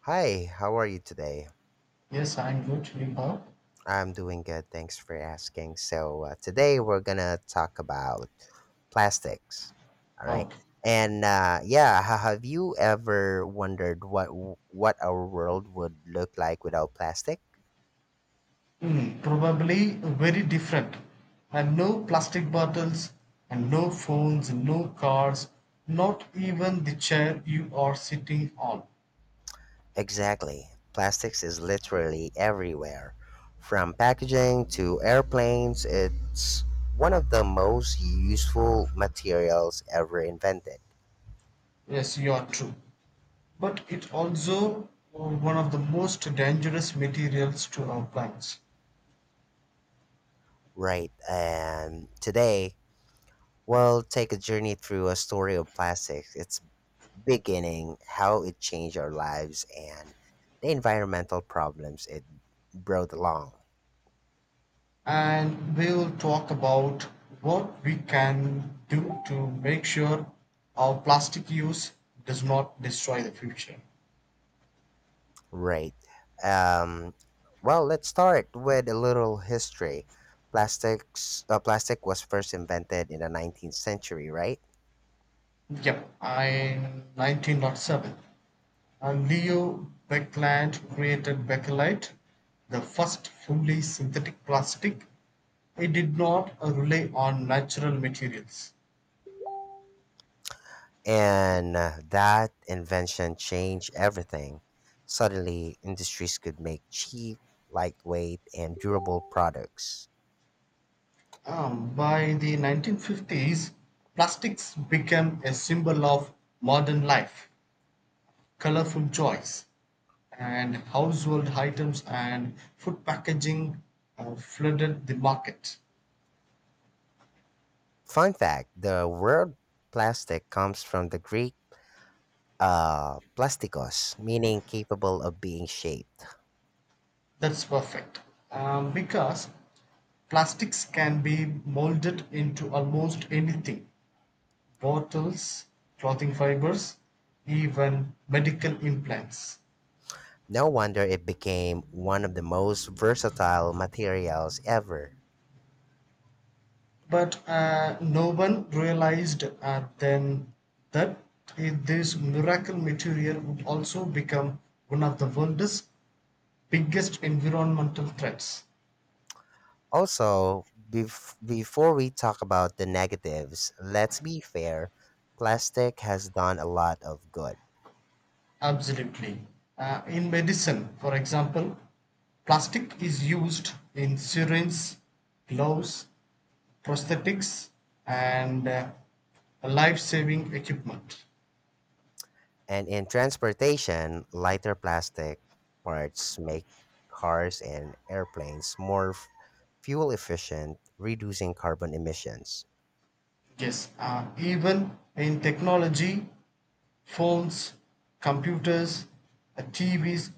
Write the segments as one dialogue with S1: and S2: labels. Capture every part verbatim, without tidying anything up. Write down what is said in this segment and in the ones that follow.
S1: Hi, how are you today?
S2: Yes, I'm going to leave out.
S1: I'm doing good. Thanks for asking. So, uh, today we're gonna talk about plastics. All right.
S2: Out.
S1: And uh, yeah, ha- have you ever wondered what w- what our world would look like without plastic?
S2: Mm, probably very different. And no plastic bottles, and no phones, no cars, not even the chair you are sitting on.
S1: Exactly. Plastics is literally everywhere, from packaging to airplanes. It's one of the most useful materials ever invented.
S2: Yes, you are true. But it also uh, one of the most dangerous materials to our plants.
S1: Right. And today, well, take a journey through a story of plastics, its beginning, how it changed our lives, and the environmental problems it brought along.
S2: And we'll talk about what we can do to make sure our plastic use does not destroy the future.
S1: Right. Um, well, let's start with a little history. Plastics, uh, plastic was first invented in the nineteenth century, right?
S2: Yeah, in nineteen oh seven. And Leo Baekeland created Bakelite, the first fully synthetic plastic. It did not uh, rely on natural materials.
S1: And uh, that invention changed everything. Suddenly, industries could make cheap, lightweight, and durable products.
S2: Um, by the nineteen fifties, plastics became a symbol of modern life, colorful joys, and household items and food packaging uh, flooded the market.
S1: Fun fact, the word plastic comes from the Greek uh, plastikos, meaning capable of being shaped.
S2: That's perfect. Um, because plastics can be molded into almost anything: bottles, clothing fibers, even medical implants.
S1: No wonder it became one of the most versatile materials ever.
S2: But uh, no one realized uh, then that it- this miracle material would also become one of the world's biggest environmental threats.
S1: Also, bef- before we talk about the negatives, let's be fair, plastic has done a lot of good.
S2: Absolutely. Uh, in medicine, for example, plastic is used in syringes, gloves, prosthetics, and uh, life saving equipment.
S1: And in transportation, lighter plastic parts make cars and airplanes more f- fuel efficient, reducing carbon emissions.
S2: Yes, uh, even in technology, phones, computers, uh, T Vs,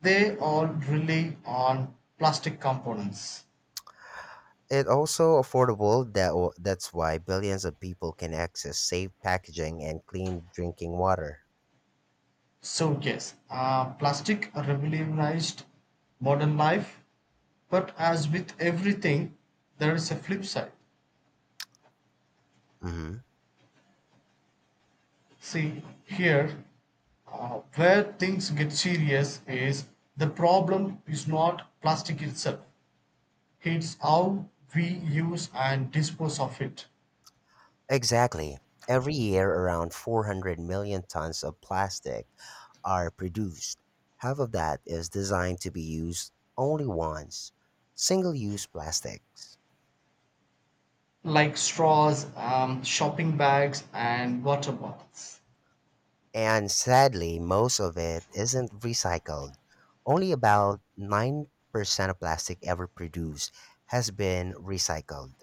S2: they all rely on plastic components.
S1: It also affordable, that w- that's why billions of people can access safe packaging and clean drinking water.
S2: So yes, uh, plastic revolutionized modern life, but as with everything, there is a flip side.
S1: Hmm.
S2: See here, uh, where things get serious is the problem is not plastic itself; it's how we use and dispose of it,
S1: Exactly. Every year around 400 million tons of plastic are produced. Half of that is designed to be used only once. Single-use plastics.
S2: like straws, um, shopping bags, and water bottles.
S1: And sadly, most of it isn't recycled. Only about nine percent of plastic ever produced has been recycled.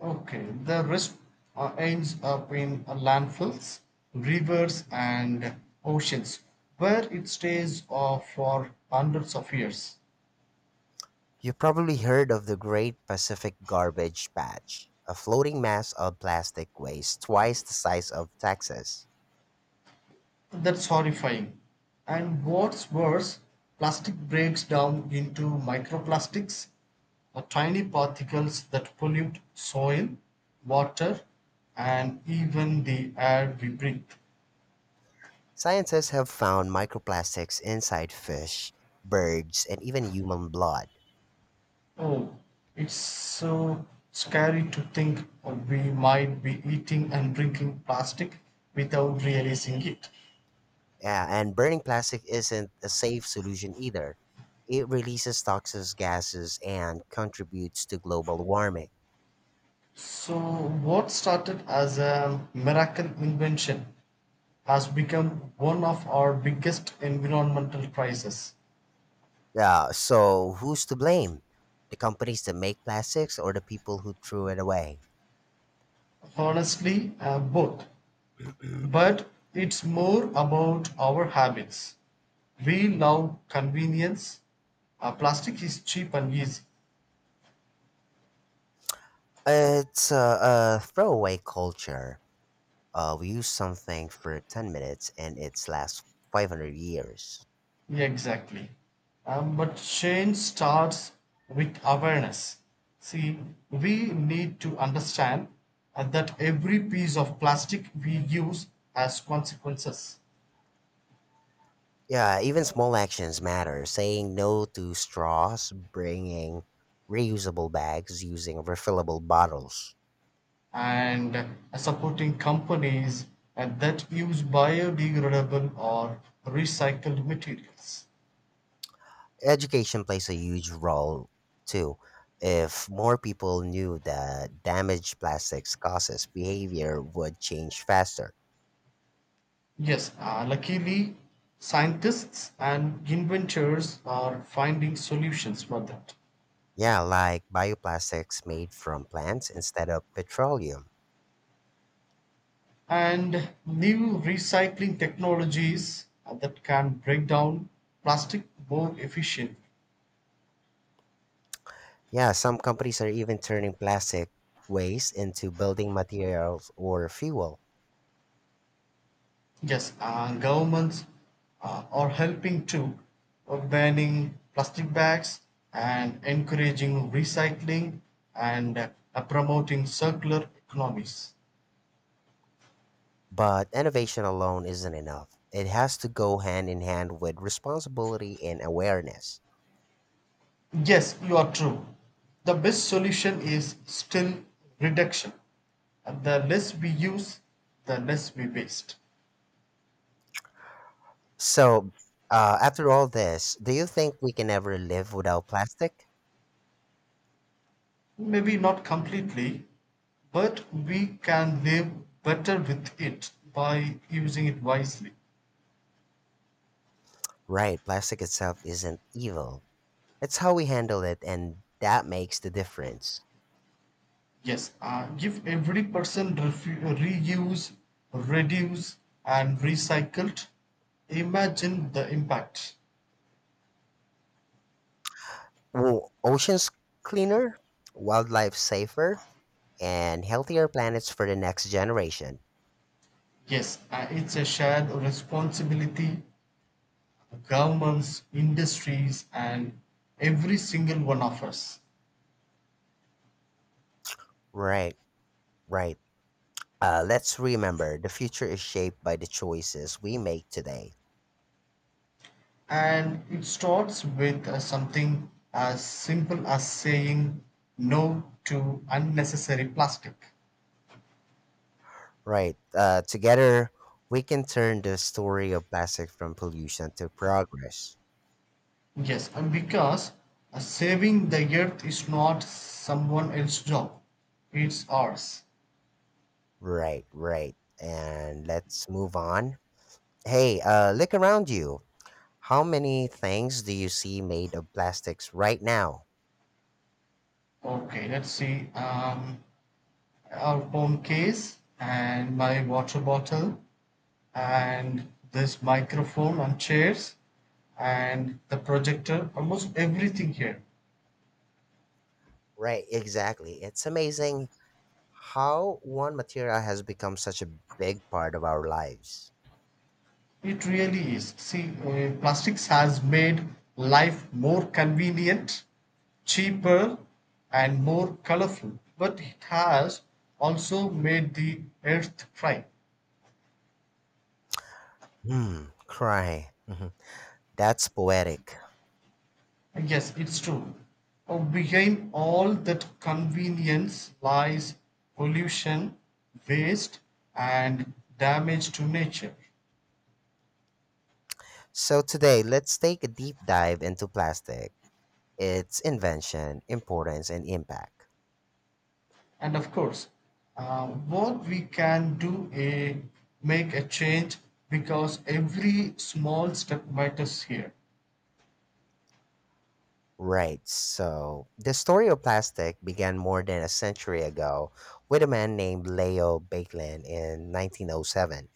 S2: Okay, the rest uh, ends up in uh, landfills, rivers, and oceans, where it stays uh, for hundreds of years.
S1: You probably heard of the Great Pacific Garbage Patch, a floating mass of plastic waste twice the size of Texas.
S2: That's horrifying. And what's worse, plastic breaks down into microplastics, uh, tiny particles that pollute soil, water, and even the air we breathe.
S1: Scientists have found microplastics inside fish, birds, and even human blood.
S2: Oh, it's so scary to think of we might be eating and drinking plastic without realizing it.
S1: Yeah, and burning plastic isn't a safe solution either. It releases toxic gases and contributes to global warming.
S2: So, what started as a miracle invention has become one of our biggest environmental crises.
S1: Yeah, so who's to blame? The companies that make plastics or the people who threw it away?
S2: Honestly, uh, both. But it's more about our habits. We love convenience. Uh, plastic is cheap and easy.
S1: It's a, a throwaway culture. Uh, we use something for 10 minutes and it's lasts 500 years.
S2: Yeah, exactly. Um, but change starts with awareness. See, we need to understand uh, that every piece of plastic we use has consequences.
S1: Yeah, even small actions matter. Saying no to straws, bringing reusable bags, using refillable bottles.
S2: And uh, supporting companies uh, that use biodegradable or recycled materials.
S1: Education plays a huge role too. If more people knew that damaged plastics causes, behavior would change faster.
S2: Yes, uh, luckily, scientists and inventors are finding solutions for that.
S1: Yeah, like bioplastics made from plants instead of petroleum.
S2: And new recycling technologies that can break down plastic more efficient.
S1: Yeah, some companies are even turning plastic waste into building materials or fuel.
S2: Yes, uh, governments uh, are helping to uh, banning plastic bags and encouraging recycling and uh, promoting circular economies.
S1: But innovation alone isn't enough. It has to go hand in hand with responsibility and awareness.
S2: Yes, you are true. The best solution is still reduction. And the less we use, the less we waste.
S1: So, uh, after all this, do you think we can ever live without plastic?
S2: Maybe not completely, but we can live better with it by using it wisely.
S1: Right, plastic itself isn't evil. It's how we handle it, and that makes the difference.
S2: Yes, uh, give every person refu- reuse, reduce, and recycled. Imagine the impact.
S1: Well, oceans cleaner, wildlife safer, and healthier planets for the next generation.
S2: Yes, uh, it's a shared responsibility, governments, industries, and every single one of us.
S1: Right, right. Uh, let's remember the future is shaped by the choices we make today.
S2: And it starts with uh, something as simple as saying no to unnecessary plastic.
S1: Right. Uh, together, we can turn the story of plastic from pollution to progress.
S2: Yes, and because uh, saving the earth is not someone else's job, it's ours.
S1: Right, right. And let's move on. Hey, uh, look around you. How many things do you see made of plastics right now?
S2: Okay, let's see. Um, our phone case and my water bottle and this microphone and chairs and the projector, almost everything here.
S1: Right, exactly. It's amazing how one material has become such a big part of our lives.
S2: It really is. See, uh, plastics has made life more convenient, cheaper, and more colorful, but it has also made the earth cry.
S1: Hmm, cry. Mhm. That's poetic.
S2: Yes, it's true. Oh, behind all that convenience lies pollution, waste, and damage to nature.
S1: So today, let's take a deep dive into plastic, its invention, importance, and impact.
S2: And of course uh, what we can do is make a change because every small step matters here.
S1: Right, so the story of plastic began more than a century ago with a man named Leo Bakelin in nineteen oh seven.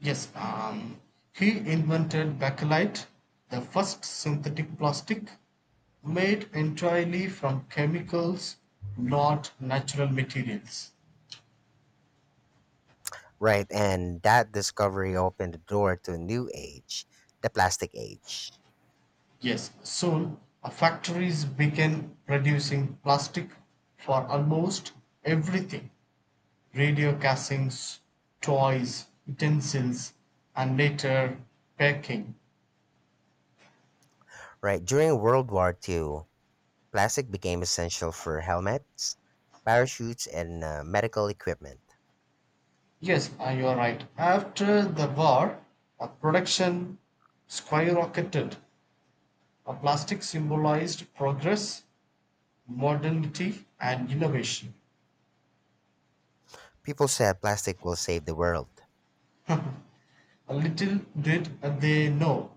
S2: Yes, um, he invented bakelite, the first synthetic plastic, made entirely from chemicals, not natural materials.
S1: Right, and that discovery opened the door to a new age, the plastic age.
S2: Yes, soon uh, factories began producing plastic for almost everything: radio castings, toys, utensils, and later baking.
S1: Right, during World War two, plastic became essential for helmets, parachutes, and uh, medical equipment.
S2: Yes, you're right. After the war, uh, production skyrocketed. Uh, plastic symbolized progress, modernity, and innovation.
S1: People said plastic will save the world.
S2: Uh, Little did they know,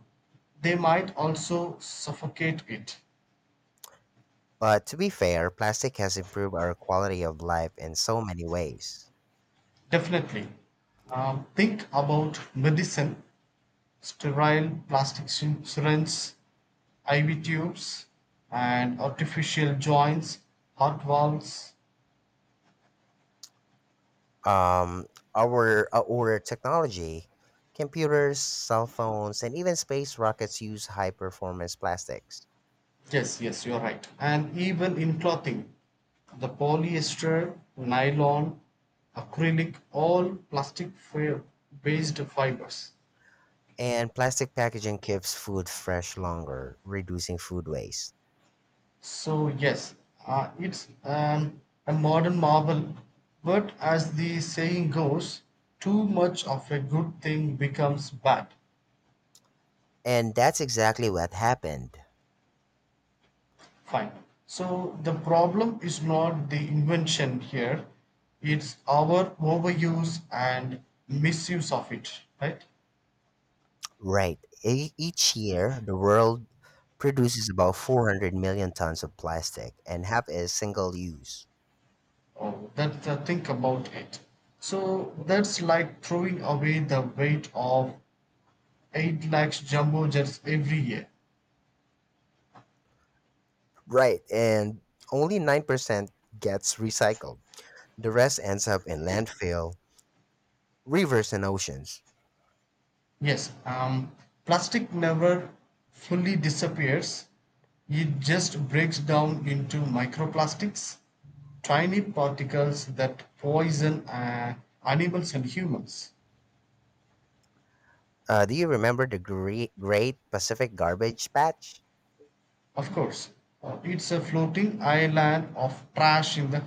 S2: they might also suffocate it.
S1: But to be fair, plastic has improved our quality of life in so many ways.
S2: Definitely. Um, think about medicine. Sterile plastic syringes, I V tubes, and artificial joints, heart valves.
S1: Um, our, our technology, computers, cell phones, and even space rockets use high performance plastics.
S2: Yes, yes, you're right. And even in clothing, the polyester, nylon, acrylic, all plastic based fibers.
S1: And plastic packaging keeps food fresh longer, reducing food waste.
S2: So, yes, uh, it's um, a modern marvel. But as the saying goes, too much of a good thing becomes bad.
S1: And that's exactly what happened.
S2: Fine. So the problem is not the invention here, it's our overuse and misuse of it, right?
S1: Right. E- each year, the world produces about 400 million tons of plastic, and half is single use.
S2: Oh, that's the think about it. So that's like throwing away the weight of eight lakhs jumbo jets every year.
S1: Right, and only nine percent gets recycled. The rest ends up in landfill, rivers, and oceans.
S2: Yes, um, plastic never fully disappears. It just breaks down into microplastics, tiny particles that poison uh, animals and humans.
S1: Uh, do you remember the Gre- Great Pacific Garbage Patch?
S2: Of course, uh, it's a floating island of trash in the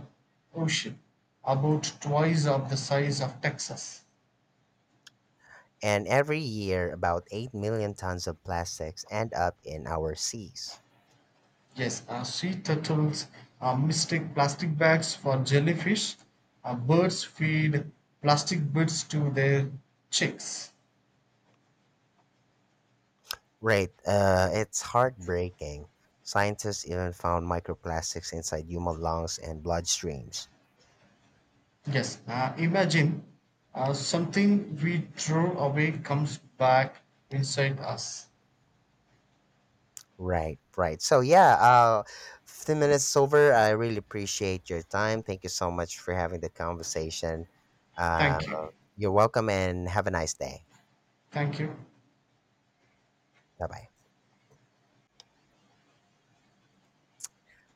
S2: ocean, about twice of the size of Texas.
S1: And every year, about 8 million tons of plastics end up in our seas.
S2: Yes, uh, sea turtles uh, mistake plastic bags for jellyfish. Uh, birds feed plastic bits to their chicks.
S1: Right, uh, it's heartbreaking. Scientists even found microplastics inside human lungs and bloodstreams.
S2: Yes, uh, imagine uh, something we throw away comes back inside us.
S1: Right, right. So yeah, uh, fifteen minutes over. I really appreciate your time. Thank you so much for having the conversation. Uh,
S2: Thank you.
S1: you're welcome, and have a nice day.
S2: Thank you.
S1: Bye bye.